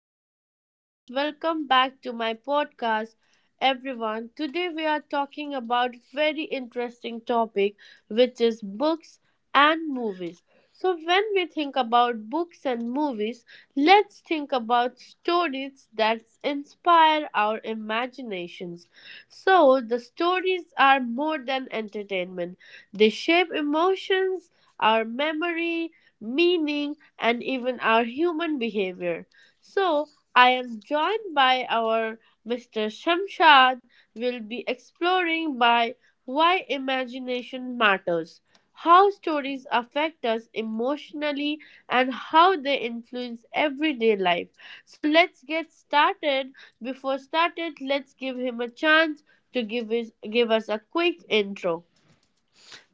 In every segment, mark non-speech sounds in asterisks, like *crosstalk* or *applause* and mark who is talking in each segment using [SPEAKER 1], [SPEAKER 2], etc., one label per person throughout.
[SPEAKER 1] hello guys, welcome back to my podcast, everyone. Today we are talking about very interesting topic, which is books and movies. So, when we think about books and movies, let's think about stories that inspire our imaginations. So, the stories are more than entertainment; they shape emotions, our memory, meaning, and even our human behavior. So I am joined by our Mr. Shamshad. We'll be exploring by why imagination matters, how stories affect us emotionally, and how they influence everyday life. So let's get started. Before started, let's give him a chance to give us a quick intro.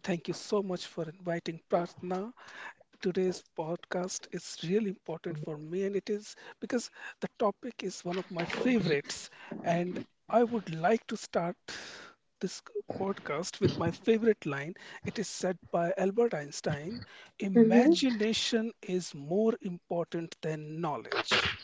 [SPEAKER 2] Thank you so much for inviting Prarthna. Today's podcast is really important for me, and it is because the topic is one of my favorites. And I would like to start this podcast with my favorite line. It is said by Albert Einstein: Imagination is more important than knowledge.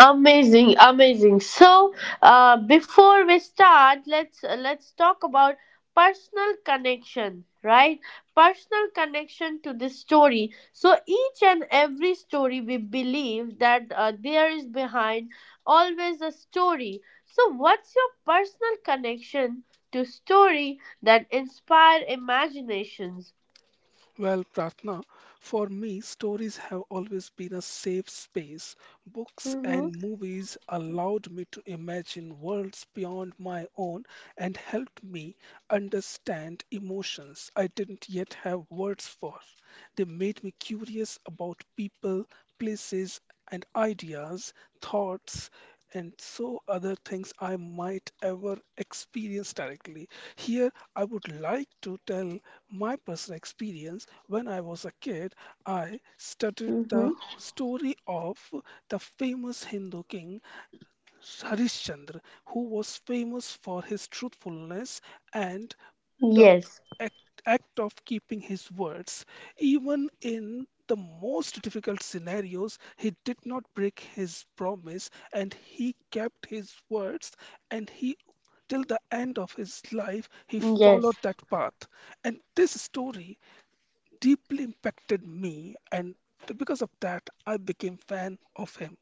[SPEAKER 1] Amazing, amazing. So, before we start, let's talk about personal connection, right? Personal connection to this story. So each and every story, we believe that there is behind always a story. So, what's your personal connection to story that inspire imaginations?
[SPEAKER 2] Well, Pratna, for me, stories have always been a safe space. Books
[SPEAKER 1] Mm-hmm.
[SPEAKER 2] and movies allowed me to imagine worlds beyond my own and helped me understand emotions I didn't yet have words for. They made me curious about people, places, and ideas, thoughts and so other things I might ever experience directly. Here, I would like to tell my personal experience. When I was a kid, I studied
[SPEAKER 1] Mm-hmm.
[SPEAKER 2] the story of the famous Hindu king Harishchandra, who was famous for his truthfulness and the
[SPEAKER 1] Yes.
[SPEAKER 2] act, act of keeping his words. Even in the most difficult scenarios, he did not break his promise and he kept his words, and he till the end of his life he
[SPEAKER 1] Yes.
[SPEAKER 2] followed that path. And this story deeply impacted me, and because of that I became fan of him.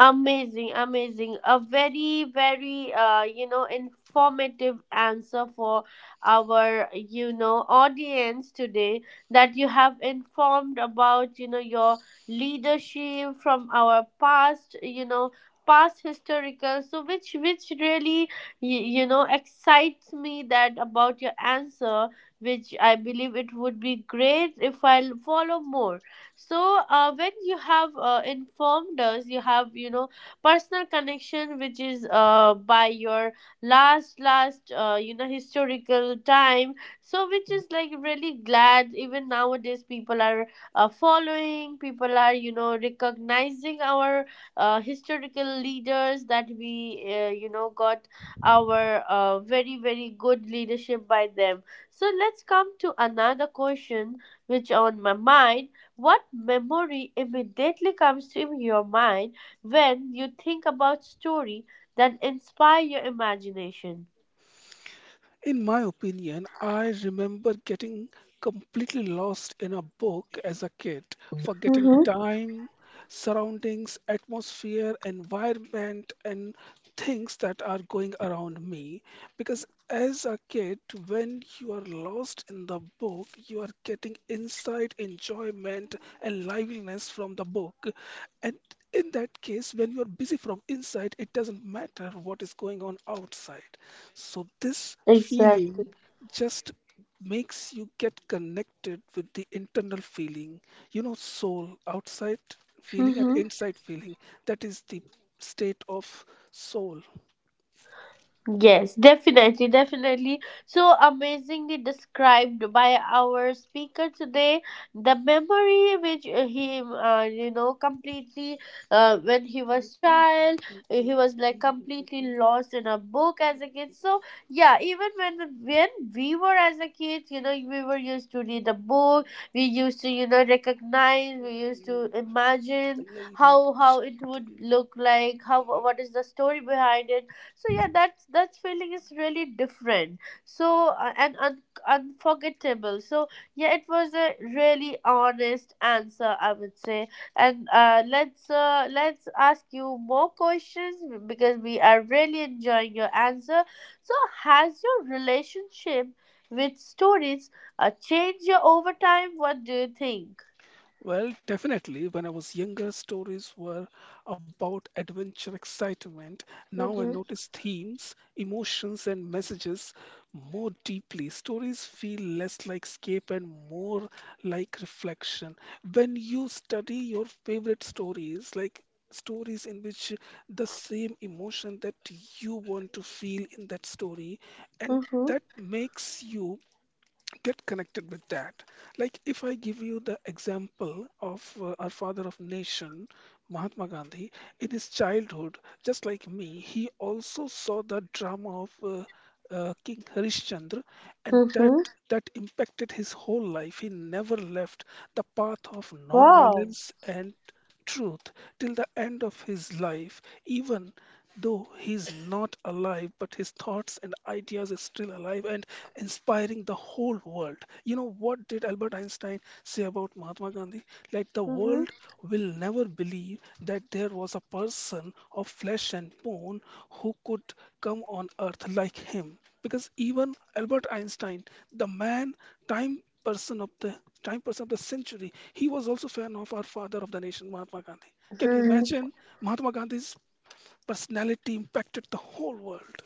[SPEAKER 1] Amazing, amazing. A very, very, you know, informative answer for our, you know, audience today that you have informed about, you know, your leadership from our past, you know, past historical. So which really, you know, excites me that about your answer, which I believe it would be great if I'll follow more. So when you have informed us, you have, you know, personal connection, which is by your last you know, historical time. So which is like really glad, even nowadays people are following, people are, you know, recognizing our historical leaders that we, you know, got our very very good leadership by them. So let's come to another question which on my mind. What memory immediately comes to your mind when you think about story that inspire your imagination?
[SPEAKER 2] In my opinion, I remember getting completely lost in a book as a kid, forgetting
[SPEAKER 1] Mm-hmm.
[SPEAKER 2] time, surroundings, atmosphere, environment, and things that are going around me. Because as a kid, when you are lost in the book, you are getting insight, enjoyment, and liveliness from the book. And in that case, when you are busy from inside, it doesn't matter what is going on outside. So this
[SPEAKER 1] Exactly.
[SPEAKER 2] feeling just makes you get connected with the internal feeling, soul, outside feeling and
[SPEAKER 1] Mm-hmm.
[SPEAKER 2] inside feeling. That is the state of soul.
[SPEAKER 1] Yes, definitely, definitely. So amazingly described by our speaker today. The memory which he, you know, completely when he was child, he was like completely
[SPEAKER 2] *laughs*
[SPEAKER 1] lost in a book as a kid. So yeah, even when we were as a kid, you know, we were used to read a book. We used to, you know, recognize. We used to
[SPEAKER 2] The
[SPEAKER 1] imagine
[SPEAKER 2] lady who
[SPEAKER 1] how it
[SPEAKER 2] changed the.
[SPEAKER 1] would look like. How, what is the story behind it. So yeah, that's that feeling is really different, so and unforgettable. So yeah, it was a really honest answer, I would say. And let's ask you more questions because we are really enjoying your answer. So has your relationship with stories changed your over time? What do you think?
[SPEAKER 2] Well, definitely. When I was younger, stories were about adventure, excitement. Now I
[SPEAKER 1] Mm-hmm.
[SPEAKER 2] notice themes, emotions, and messages more deeply. Stories feel less like escape and more like reflection. When you study your favorite stories, like stories in which the same emotion that you want to feel in that story, and
[SPEAKER 1] Mm-hmm.
[SPEAKER 2] that makes you get connected with that. Like if I give you the example of our father of nation, Mahatma Gandhi, in his childhood, just like me, he also saw the drama of King Harishchandra, and that
[SPEAKER 1] Mm-hmm.
[SPEAKER 2] that impacted his whole life. He never left the path of
[SPEAKER 1] Wow.
[SPEAKER 2] non-violence and truth till the end of his life, even. Though he's not alive, but his thoughts and ideas are still alive and inspiring the whole world. You know what did Albert Einstein say about Mahatma Gandhi? Like the world will never believe that there was a person of flesh and bone who could come on earth like him. Because even Albert Einstein, the man, time person of the time person of the century, he was also fan of our father of the nation, Mahatma Gandhi. Can you
[SPEAKER 1] Mm-hmm.
[SPEAKER 2] imagine Mahatma Gandhi's personality impacted the whole world.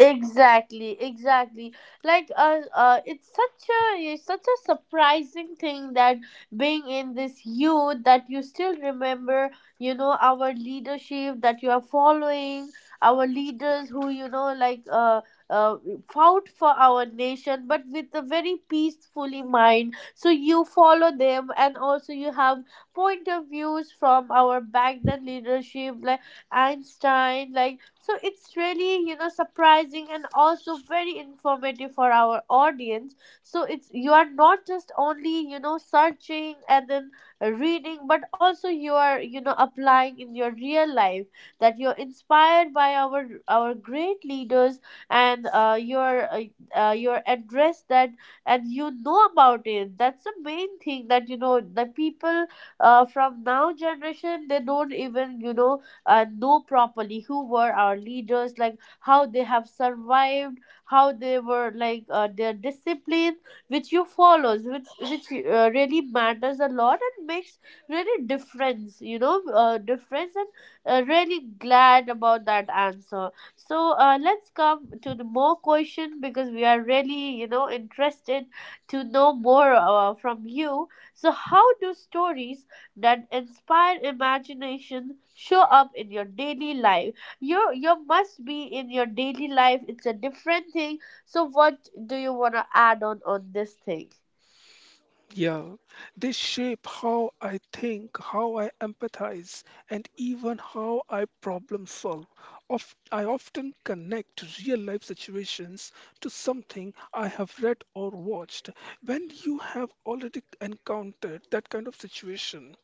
[SPEAKER 1] Exactly, exactly. Like it's such a, it's such a surprising thing that being in this youth that you still remember, you know, our leadership that you are following, our leaders who, you know, like uh fought for our nation, but with a very peacefully mind. So you follow them, and also you have point of views from our back then leadership. Like Einstein. Like, so it's really, you know, surprising and also very informative for our audience. So it's, you are not just only, you know, searching and then reading, but also you are, you know, applying in your real life that you're inspired by our great leaders and your address that, and you know about it. That's the main thing that, you know, the people from now generation, they don't even, you know, know properly who were our leaders, like how they have survived, how they were like, their discipline, which you follows, which really matters a lot and makes really difference. You know, difference and really glad about that answer. So let's come to the more question because we are really, you know, interested to know more from you. So how do stories that inspire imagination show up in your daily life? You must be in your daily life, it's a different thing. So what do you want to add on this thing?
[SPEAKER 2] Yeah, they shape how I think, how I empathize, and even how I problem solve. I often connect real life situations to something I have read or watched. When you have already encountered that kind of situation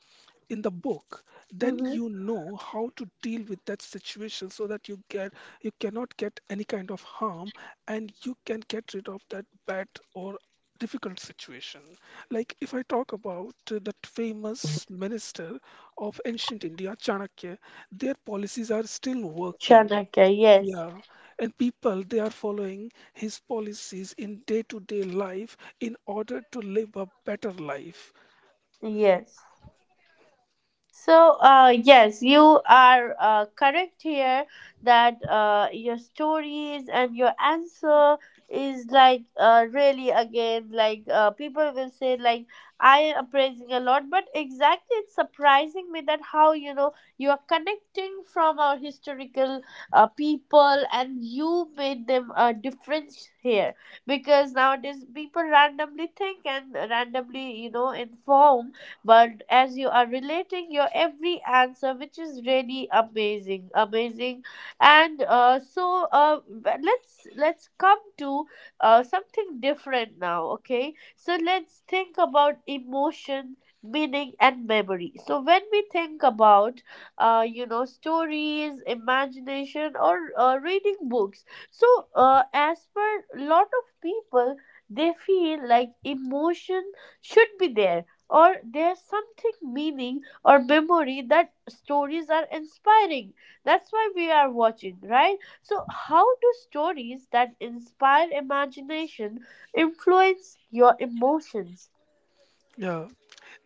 [SPEAKER 2] in the book, then
[SPEAKER 1] Mm-hmm.
[SPEAKER 2] you know how to deal with that situation, so that you cannot get any kind of harm and you can get rid of that bad or difficult situation. Like if I talk about that famous minister of ancient India, Chanakya, their policies are still working.
[SPEAKER 1] Chanakya, yes.
[SPEAKER 2] Yeah, and people, they are following his policies in day-to-day life in order to live a better life.
[SPEAKER 1] Yes. So, yes, you are correct here that your stories and your answer is like, really again, like, people will say, like, I am praising a lot, but exactly it's surprising me that how, you know, you are connecting from our historical people and you made them a difference here, because nowadays people randomly think and randomly, you know, inform, but as you are relating your every answer, which is really amazing, amazing. And but let's come to something different now. Okay, so let's think about emotion, meaning, and memory. So when we think about you know, stories, imagination, or reading books, so as per lot of people, they feel like emotion should be there or there's something meaning or memory that stories are inspiring, that's why we are watching, right? So how do stories that inspire imagination influence your emotions?
[SPEAKER 2] Yeah,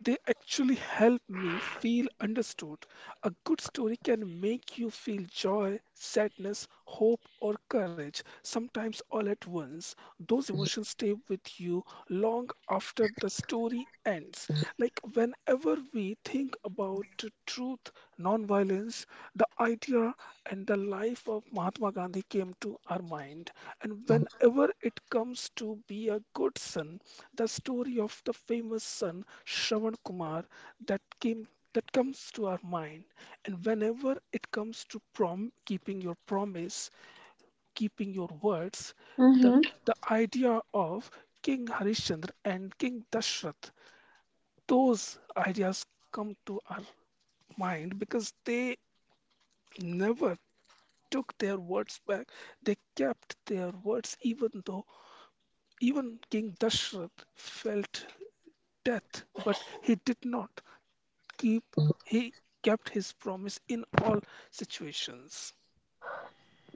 [SPEAKER 2] they actually help me feel understood. A good story can make you feel joy, sadness, hope, or courage, sometimes all at once. Those emotions stay with you long after the story ends. Like whenever we think about truth, non-violence, the idea and the life of Mahatma Gandhi came to our mind. And whenever it comes to be a good son, the story of the famous son Shravan Kumar that came that comes to our mind, and whenever it comes to prom keeping your promise, keeping your words, the
[SPEAKER 1] Mm-hmm.
[SPEAKER 2] the idea of King Harishchandra and King Dashrath, those ideas come to our mind because they never took their words back. They kept their words even though even King Dashrath felt death, but he did not. Keep he kept his promise in all situations.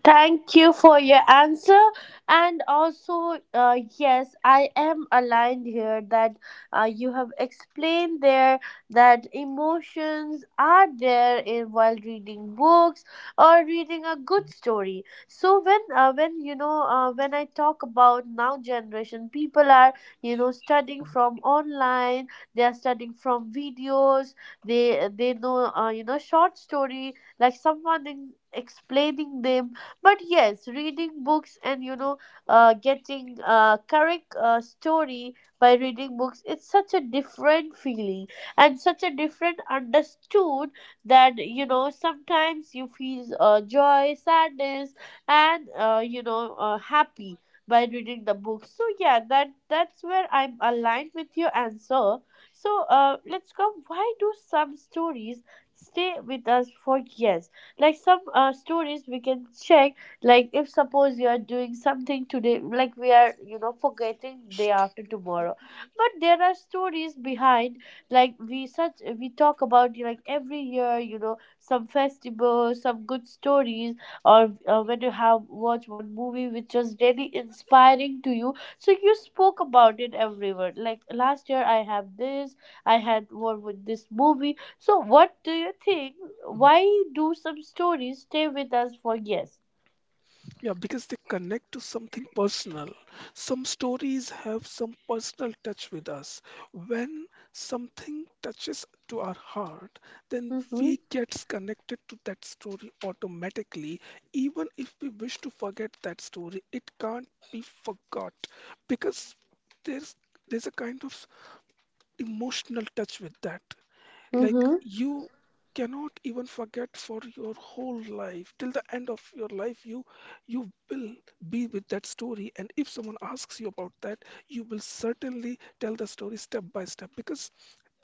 [SPEAKER 1] Thank you for your answer. And also, yes, I am aligned here that you have explained there that emotions are there in while reading books or reading a good story. So when when I talk about now generation, people are, you know, studying from online. They are studying from videos. They know, you know, short story, like someone in explaining them. But yes, reading books and, you know, getting a correct story by reading books, it's such a different feeling and such a different understood that, you know, sometimes you feel joy, sadness, and, you know, happy by reading the book. So yeah, that, that's where I'm aligned with your answer. So let's go, why do some stories stay with us for years? Like some stories we can check, like if suppose you are doing something today, like we are, you know, forgetting day after tomorrow, but there are stories behind. Like we such, we talk about, like every year, you know, some festivals, some good stories, or when you have watched one movie which was really inspiring to you, so you spoke about it everywhere. Like last year I had one with this movie. So what do you think, why do some stories stay with us for years?
[SPEAKER 2] Yeah, because they connect to something personal. Some stories have some personal touch with us. When something touches to our heart, then
[SPEAKER 1] Mm-hmm.
[SPEAKER 2] we gets connected to that story automatically. Even if we wish to forget that story, it can't be forgot because there's a kind of emotional touch with that. Like
[SPEAKER 1] Mm-hmm.
[SPEAKER 2] you cannot even forget for your whole life. Till the end of your life, you will be with that story. And if someone asks you about that, you will certainly tell the story step by step because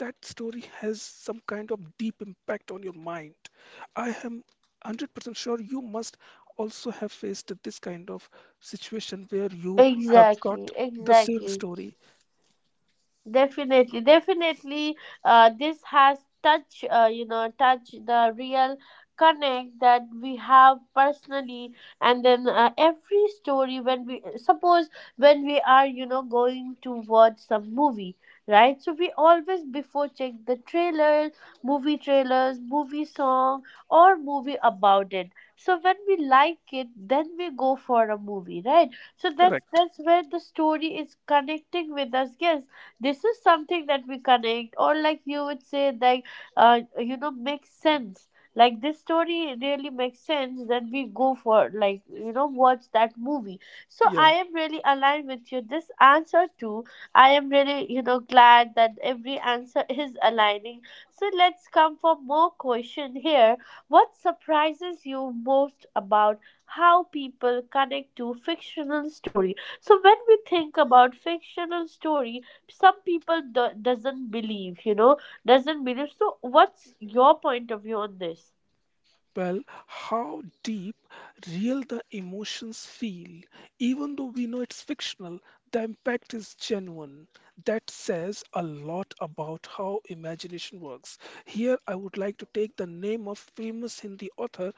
[SPEAKER 2] that story has some kind of deep impact on your mind. I am 100% sure you must also have faced this kind of situation where you have
[SPEAKER 1] Exactly.
[SPEAKER 2] got the same
[SPEAKER 1] Exactly.
[SPEAKER 2] story.
[SPEAKER 1] Definitely, definitely. This has touch, you know, touch the real connect that we have personally, and then every story, when we suppose, when we are, you know, going to watch some movie, right? So we always before check the trailers, movie song, or movie about it. So when we like it, then we go for a movie, right? So that's
[SPEAKER 2] Correct.
[SPEAKER 1] that's where the story is connecting with us, yes. This is something that we connect, or like you would say, like, you know, makes sense, like this story really makes sense, then we go for, like, you know, watch that movie. So
[SPEAKER 2] Yeah.
[SPEAKER 1] I am really aligned with you this answer too. I am really, you know, glad that every answer *laughs* is aligning. So let's come for more question here. What surprises you most about how people connect to fictional story? So when we think about fictional story, some people doesn't believe, you know, doesn't believe. So what's your point of view on this?
[SPEAKER 2] Well, how deep real the emotions feel, even though we know it's fictional, the impact is genuine. That says a lot about how imagination works. Here I would like to take the name of famous Hindi author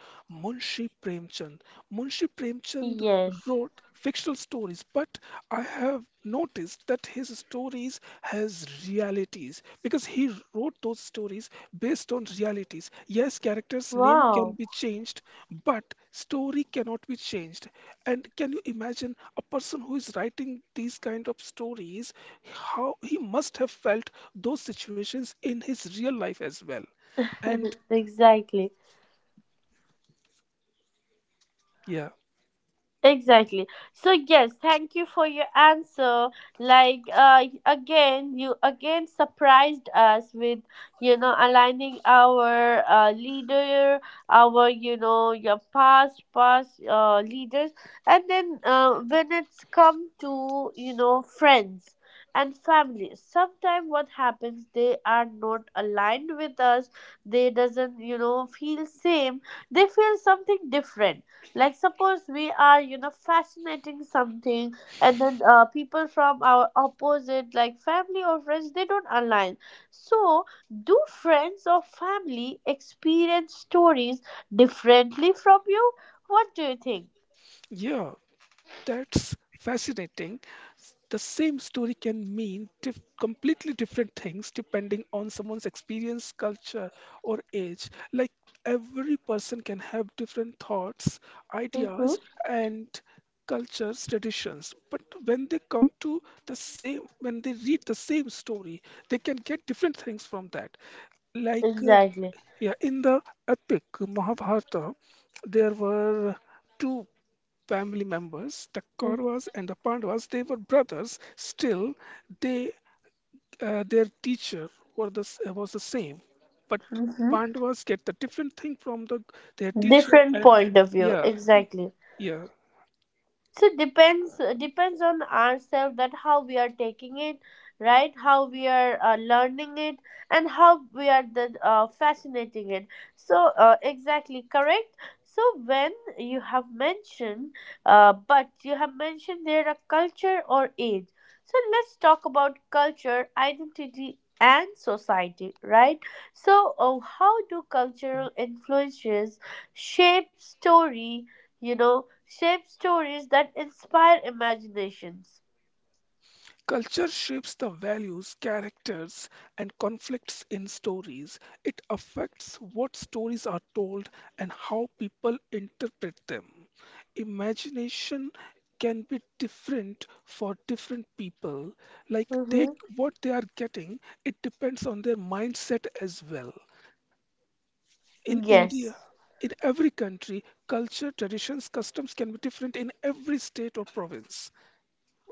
[SPEAKER 2] Munshi Premchand. Munshi Premchand
[SPEAKER 1] Yes.
[SPEAKER 2] wrote fictional stories, but I have noticed that his stories has realities because he wrote those stories based on realities. Yes, character's name can
[SPEAKER 1] Wow.
[SPEAKER 2] be changed, but story cannot be changed. And can you imagine a person who is writing these kind of stories, how he must have felt those situations in his real life as well. And
[SPEAKER 1] *laughs* Exactly.
[SPEAKER 2] yeah,
[SPEAKER 1] Exactly. So yes, thank you for your answer. Like again, you again surprised us with, you know, aligning our leader, our, you know, your past leaders, and then when it's come to, you know, friends and family, sometimes what happens, they are not aligned with us. They doesn't, you know, feel same. They feel something different, like suppose we are, you know, fascinating something, and then people from our opposite, like family or friends, they don't align. So do friends or family experience stories differently from you? What do you think?
[SPEAKER 2] yeah, that's fascinating. The same story can mean completely different things depending on someone's experience, culture, or age. Like every person can have different thoughts,
[SPEAKER 1] Mm-hmm.
[SPEAKER 2] ideas, and cultures, traditions. But when they come to the same, when they read the same story, they can get different things from that. Like,
[SPEAKER 1] Exactly.
[SPEAKER 2] yeah, in the epic Mahabharata, there were two family members, the Kauravas and the Pandavas, they were brothers. Still, they their teacher was the same, but
[SPEAKER 1] Mm-hmm.
[SPEAKER 2] Pandavas get the different thing from their teacher,
[SPEAKER 1] Different
[SPEAKER 2] and
[SPEAKER 1] point of view,
[SPEAKER 2] yeah, y-
[SPEAKER 1] exactly.
[SPEAKER 2] yeah.
[SPEAKER 1] So depends, depends on ourselves that how we are taking it, right, how we are learning it, and how we are the, fascinating it. So exactly correct. So when you have mentioned, but you have mentioned there a culture or age, so let's talk about culture, identity, and society, right? So how do cultural influences shape story, you know, shape stories that inspire imaginations.
[SPEAKER 2] Culture shapes the values, characters, and conflicts in stories. It affects what stories are told and how people interpret them. Imagination can be different for different people. Like
[SPEAKER 1] Mm-hmm.
[SPEAKER 2] they what they are getting, it depends on their mindset as well. In
[SPEAKER 1] Yes.
[SPEAKER 2] India, in every country, culture, traditions, customs can be different in every state or province.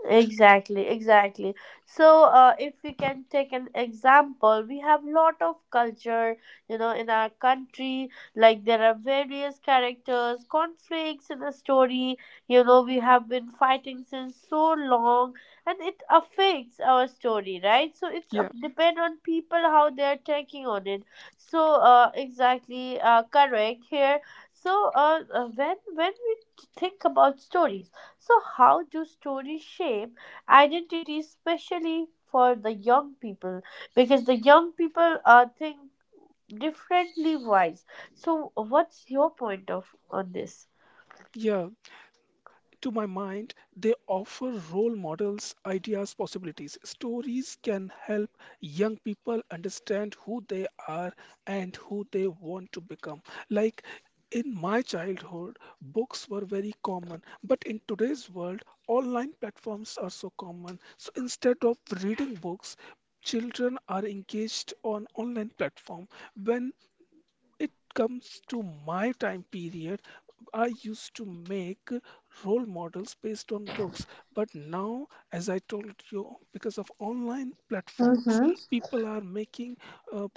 [SPEAKER 1] Exactly, exactly. So, if we can take an example, we have lot of culture, you know, in our country. Like there are various characters, conflicts in a story. You know, we have been fighting since so long, and it affects our story, right? So it's
[SPEAKER 2] Yeah,
[SPEAKER 1] up depend on people how they are taking on it. So, exactly, correct here. So when we think about stories, so how do stories shape identity, especially for the young people? Because the young people think differently wise. So, what's your point of on this?
[SPEAKER 2] yeah. To my mind, they offer role models, ideas, possibilities. Stories can help young people understand who they are and who they want to become. Like in my childhood, books were very common, but in today's world, online platforms are so common. So instead of reading books, children are engaged on online platform. When it comes to my time period, I used to make role models based on books, but now, as I told you, because of online platforms,
[SPEAKER 1] Mm-hmm.
[SPEAKER 2] people are making uh,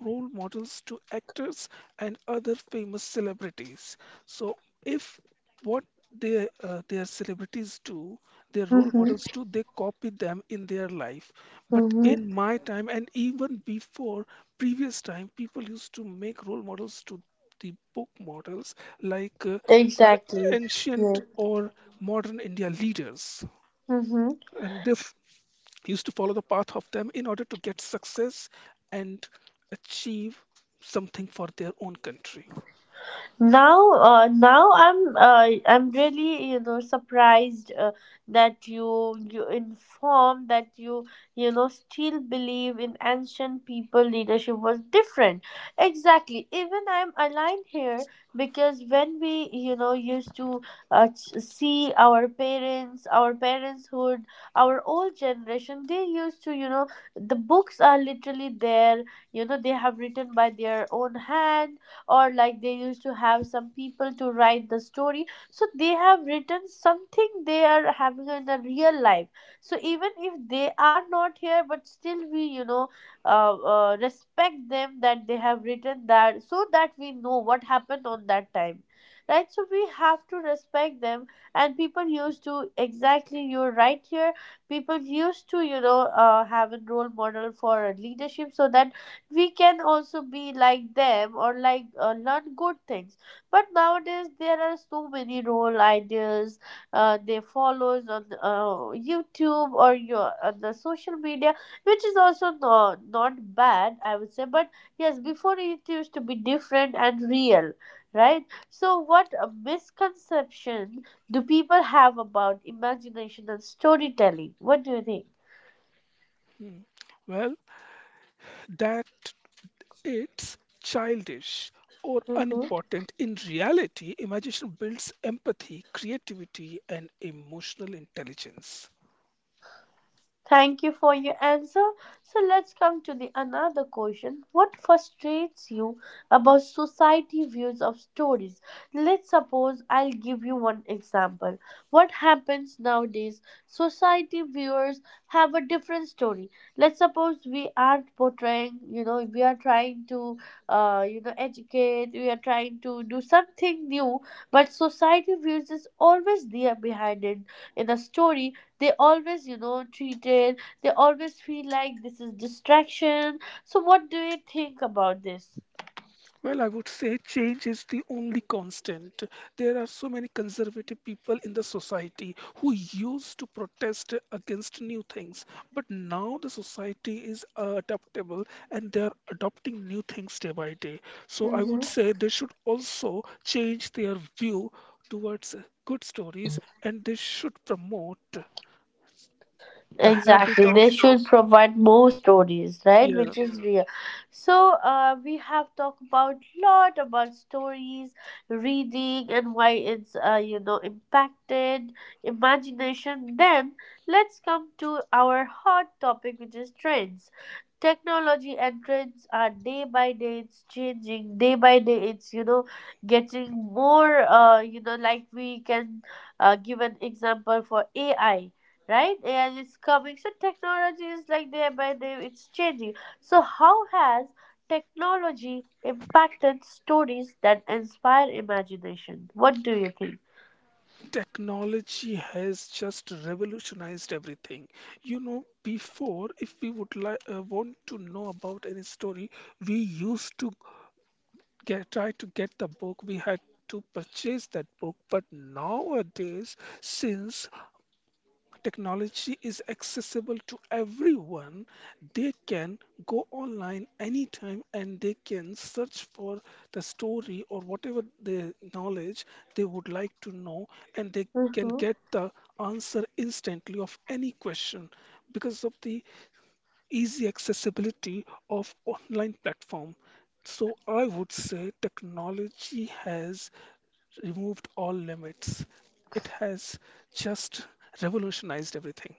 [SPEAKER 2] role models to actors and other famous celebrities. So, if what their celebrities do, their role models
[SPEAKER 1] Mm-hmm.
[SPEAKER 2] do, they copy them in their life. But
[SPEAKER 1] Mm-hmm.
[SPEAKER 2] in my time, and even before previous time, people used to make role models to the book models, like our
[SPEAKER 1] Exactly. Yeah.
[SPEAKER 2] ancient or modern India leaders,
[SPEAKER 1] Yes.
[SPEAKER 2] and they used to follow the path of them in order to get success and achieve something for their own country.
[SPEAKER 1] Now I'm really surprised that you inform that you know still believe in ancient people leadership was different. Exactly, even I'm aligned here, because when we used to see our parents, our parentshood, our old generation, they used to the books are literally there, they have written by their own hand, or like they used to have some people to write the story, so they have written something they are having in the real life. So even if they are not here, but still we respect them, that they have written that so that we know what happened on that time, right? So we have to respect them. And people used to, exactly you're right here, people used to have a role model for leadership so that we can also be like them or like learn good things. But nowadays there are so many role ideas they follows on youtube or your on the social media, which is also not bad I would say, but yes, before it used to be different and real, right? So what a misconception do people have about imagination and storytelling, what do you
[SPEAKER 2] Hmm. Well, that it's childish or
[SPEAKER 1] think?
[SPEAKER 2] unimportant. In reality, imagination builds empathy, creativity, and emotional intelligence.
[SPEAKER 1] Thank you for your answer. So let's come to the another question. What frustrates you about society views of stories? Let's suppose I'll give you one example. What happens nowadays? Society viewers have a different story. Let's suppose we are portraying, you know, we are trying to, you know, educate. We are trying to do something new, but society views is always there behind it, in a story they always treated, they always feel like this is distraction. So what do you think about this?
[SPEAKER 2] Well, I would say change is the only constant. There are so many conservative people in the society who used to protest against new things, but now the society is adaptable, and they are adopting new things day by day. So I would say they should also change their view towards good stories, and they should promote the habit
[SPEAKER 1] Exactly.
[SPEAKER 2] of,
[SPEAKER 1] They should provide more stories, right?
[SPEAKER 2] yeah.
[SPEAKER 1] Which is real. So we have talked about lot about stories, reading, and why it's you know impacted imagination. Then let's come to our hot topic, which is trends. Technology and trends are day by day it's changing. Day by day it's you know getting more. You know, like we can give an example for AI, right? AI is coming. So technology is like day by day, it's changing. So how has technology impacted stories that inspire imagination? What do you think?
[SPEAKER 2] Technology has just revolutionized everything. You know, before, if we would like want to know about any story, we used to get try to get the book. We had to purchase that book. But nowadays, since technology is accessible to everyone, they can go online anytime and they can search for the story or whatever the knowledge they would like to know, and they can
[SPEAKER 1] Mhm.
[SPEAKER 2] get the answer instantly of any question because of the easy accessibility of online platform. So I would say technology has removed all limits. It has just revolutionized everything.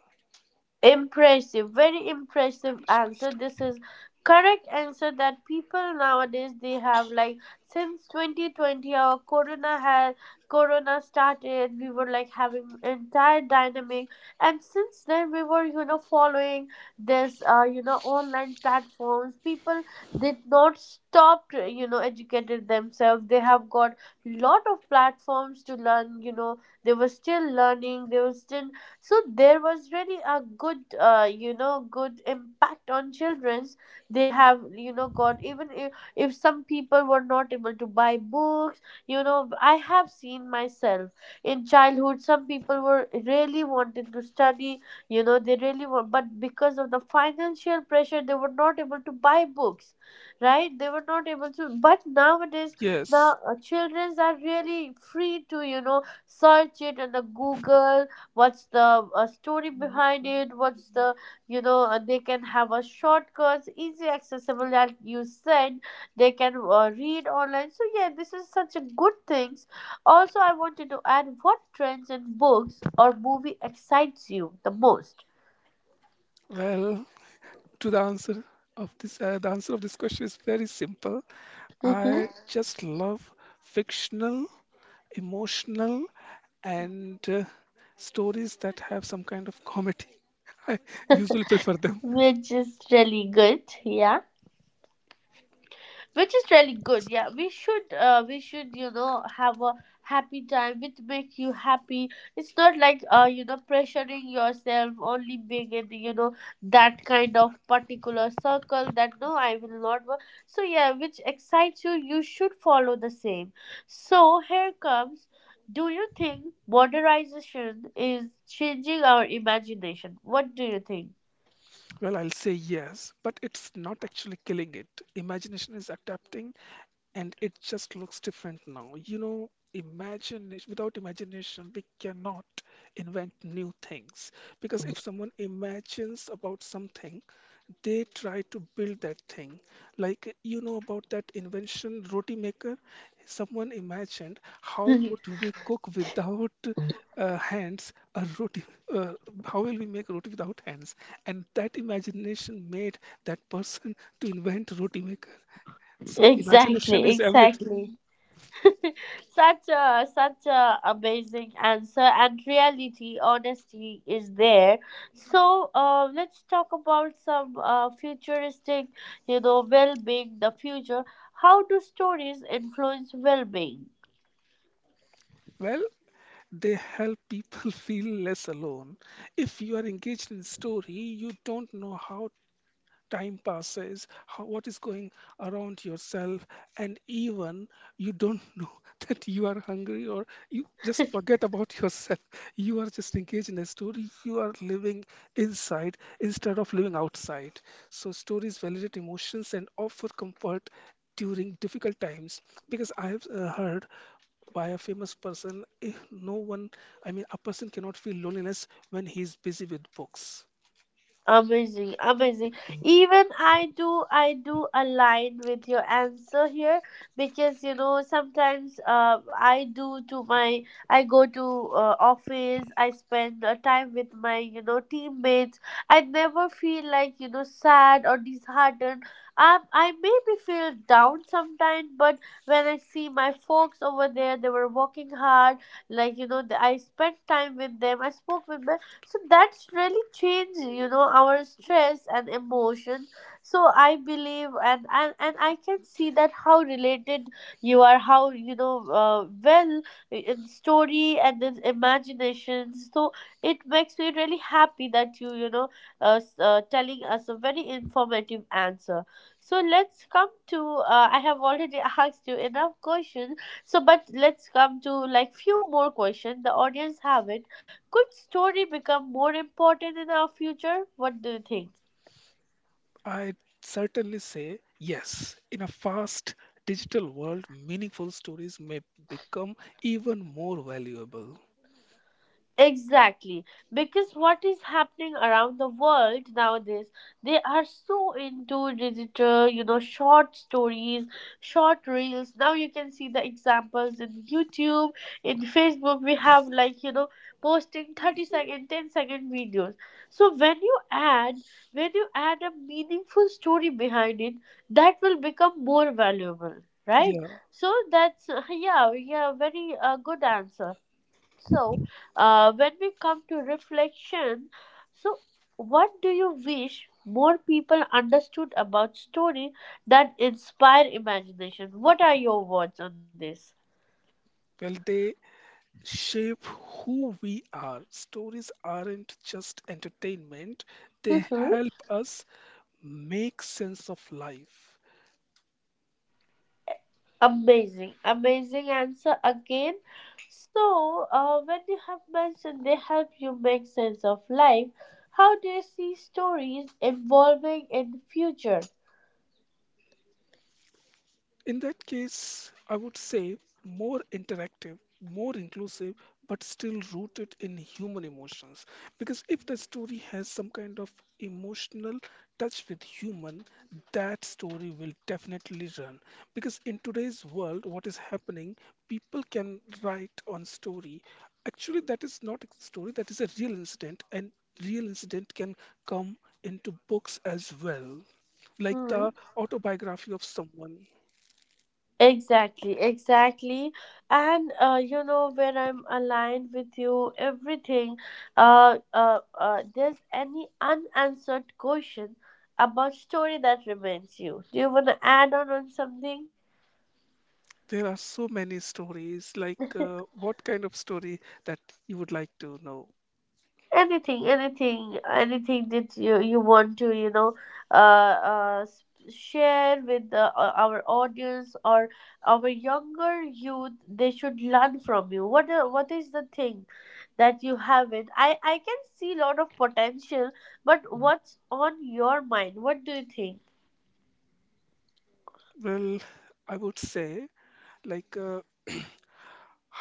[SPEAKER 1] Impressive, very impressive answer.
[SPEAKER 2] Revolutionized.
[SPEAKER 1] This is correct answer that people nowadays they have like since 2020 our corona had, corona started, we were like having entire dynamic, and since then we were following this you know online platforms. People did not stop, you know, educated themselves, they have got lot of platforms to learn, you know, they were still learning, they were still. So there was really a good you know good impact on children's. They have you know got, even if some people were not able to buy books, you know, I have seen myself in childhood some people were really wanted to study, you know they really were, but because of the financial pressure they were not able to buy books, right, they were not able to, but nowadays, now
[SPEAKER 2] Yes.
[SPEAKER 1] children's are really free to you know search it on the google, what's the story behind it, what's the you know they can have a shortcuts easy accessible that you said, they can read online. So yeah, this is such a good things. Also I wanted to add, what trends in books or movie excites you the most?
[SPEAKER 2] Well, to the answer of this, the answer of this question is very simple.
[SPEAKER 1] Hmm.
[SPEAKER 2] I just love fictional, emotional, and stories that have some kind of comedy. *laughs* I usually prefer them.
[SPEAKER 1] Which is really good, yeah, which is really good, yeah, we should you know have a happy time, which makes you happy. It's not like you know pressuring yourself only being in you know that kind of particular circle that no I will not work. So yeah, which excites you, you should follow the same. So here comes, do you think modernization is changing our imagination, what do you think?
[SPEAKER 2] Well, I'll say yes, but it's not actually killing it. Imagination is adapting, and it just looks different now. You know, imagine without imagination, we cannot invent new things, because if someone imagines about something, they try to build that thing. Like you know about that invention, roti maker. Someone imagined how would we cook without hands a roti? Uh, how will we make roti without hands? And that imagination made that person to invent roti maker.
[SPEAKER 1] *laughs*
[SPEAKER 2] So imagination
[SPEAKER 1] Exactly,
[SPEAKER 2] is
[SPEAKER 1] exactly.
[SPEAKER 2] everything.
[SPEAKER 1] *laughs* Such a, such a amazing answer, and reality honesty is there. So let's talk about some futuristic you know well-being the future. How do stories influence well-being?
[SPEAKER 2] Well, they help people *laughs* feel less alone. If you are engaged in story, you don't know how time passes, how, what is going around yourself, and even you don't *laughs* know that you are hungry, or you just forget about *laughs* yourself. You are just engaged in a story. You are living inside instead of living outside. So, stories validate emotions and offer comfort during difficult times, because I have heard by a famous person, if no one, I mean, a person cannot feel loneliness when he is busy with books.
[SPEAKER 1] Amazing, amazing. Even I do align with your answer here, because you know sometimes I do to my, I go to office, I spend time with my you know teammates. I never feel like you know sad or disheartened. I maybe feel down sometimes, but when I see my folks over there, they were working hard. Like you know, I spent time with them, I spoke with my, so that's really changed you know our stress and emotion. So I believe, and I can see that how related you are, how you know well in story and in imagination. So it makes me really happy that you know telling us a very informative answer. So let's come to I have already *laughs* asked you enough questions, so but let's come to like few more questions the audience have it. Could story become more important in our future? What do you think?
[SPEAKER 2] I'd certainly say yes. In a fast digital world, meaningful stories may become even more valuable.
[SPEAKER 1] Exactly, because what is happening around the world nowadays, they are so into digital, you know, short stories, short reels. Now you can see the examples in YouTube, in Facebook. We have like, you know, posting 30 second, 10 second videos. So when you add a meaningful story behind it, that will become more valuable, right?
[SPEAKER 2] Yeah,
[SPEAKER 1] So that's, *laughs* yeah, yeah, very good answer. So, when we come to reflection, so what do you wish more people understood about story that inspire imagination? What are your words on this?
[SPEAKER 2] well, they shape who we are. Stories aren't just entertainment, they
[SPEAKER 1] Hmm.
[SPEAKER 2] help us make sense of life.
[SPEAKER 1] Amazing, amazing answer again. So, when you have mentioned they help you make sense of life, how do you see stories evolving in the future?
[SPEAKER 2] In that case, I would say more interactive, more inclusive, but still rooted in human emotions. Because if the story has some kind of emotional touch with human, that story will definitely run. Because in today's world, what is happening, people can write on story. Actually, that is not a story, that is a real incident, and real incident can come into books as well, like
[SPEAKER 1] Hmm.
[SPEAKER 2] the autobiography of someone.
[SPEAKER 1] Exactly, exactly. And you know where I'm aligned with you, everything. There's any unanswered question about story that remains you. Do you want to add on something?
[SPEAKER 2] There are so many stories. Like, what kind of story that you would like to know?
[SPEAKER 1] Anything, anything, anything that you want to you know uh, uh s- share with the, our audience or our younger youth, they should learn from you. What is the thing that you have not, I can see a lot of potential, but what's on your mind, what do you think?
[SPEAKER 2] Well, I would say, like,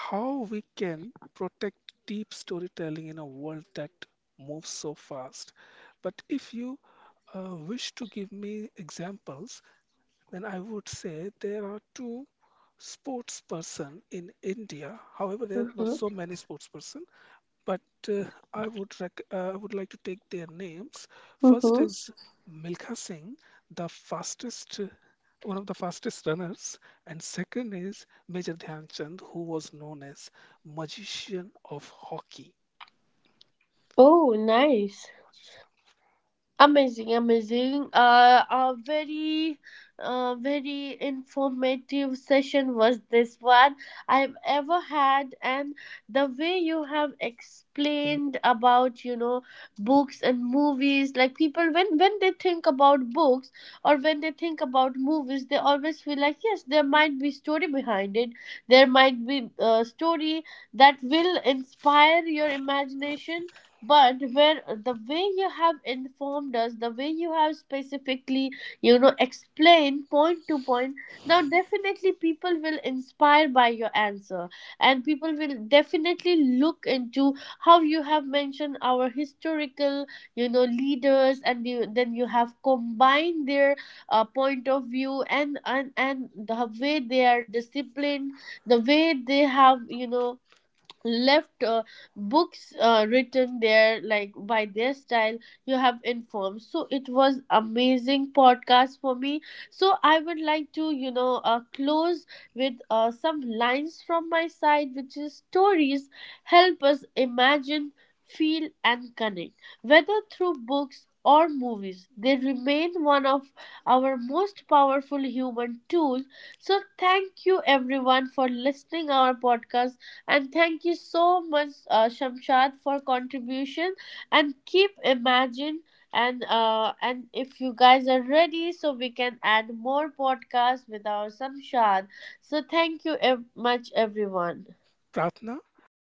[SPEAKER 2] how we can protect deep storytelling in a world that moves so fast. But if you wish to give me examples, then I would say there are two sports person in India. However, there were
[SPEAKER 1] Mm-hmm.
[SPEAKER 2] so many sports person. But uh, I would like to take their names. First
[SPEAKER 1] Mm-hmm.
[SPEAKER 2] is Milkha Singh, the fastest, one of the fastest runners, and second is Major Dhyan Chand, who was known as Magician of Hockey.
[SPEAKER 1] Oh nice.
[SPEAKER 2] Magician of-
[SPEAKER 1] Amazing, amazing. A very, very informative session was this one I've ever had, and the way you have explained about you know books and movies, like people when they think about books or when they think about movies, they always feel like yes, there might be story behind it. There might be a story that will inspire your imagination. But where the way you have informed us, the way you have specifically you know explained point to point, now definitely people will inspire by your answer, and people will definitely look into how you have mentioned our historical you know leaders, and you, then you have combined their point of view, and the way they are disciplined, the way they have you know left books written there like by their style, you have informed. So it was amazing podcast for me. So I would like to you know close with some lines from my side, which is: stories help us imagine, feel, and connect. Whether through books or movies, they remain one of our most powerful human tools. So thank you everyone for listening our podcast, and thank you so much, Shamshad, for contribution. And keep imagine, and if you guys are ready, so we can add more podcasts with our Shamshad. So thank you much, everyone.
[SPEAKER 2] Pratna,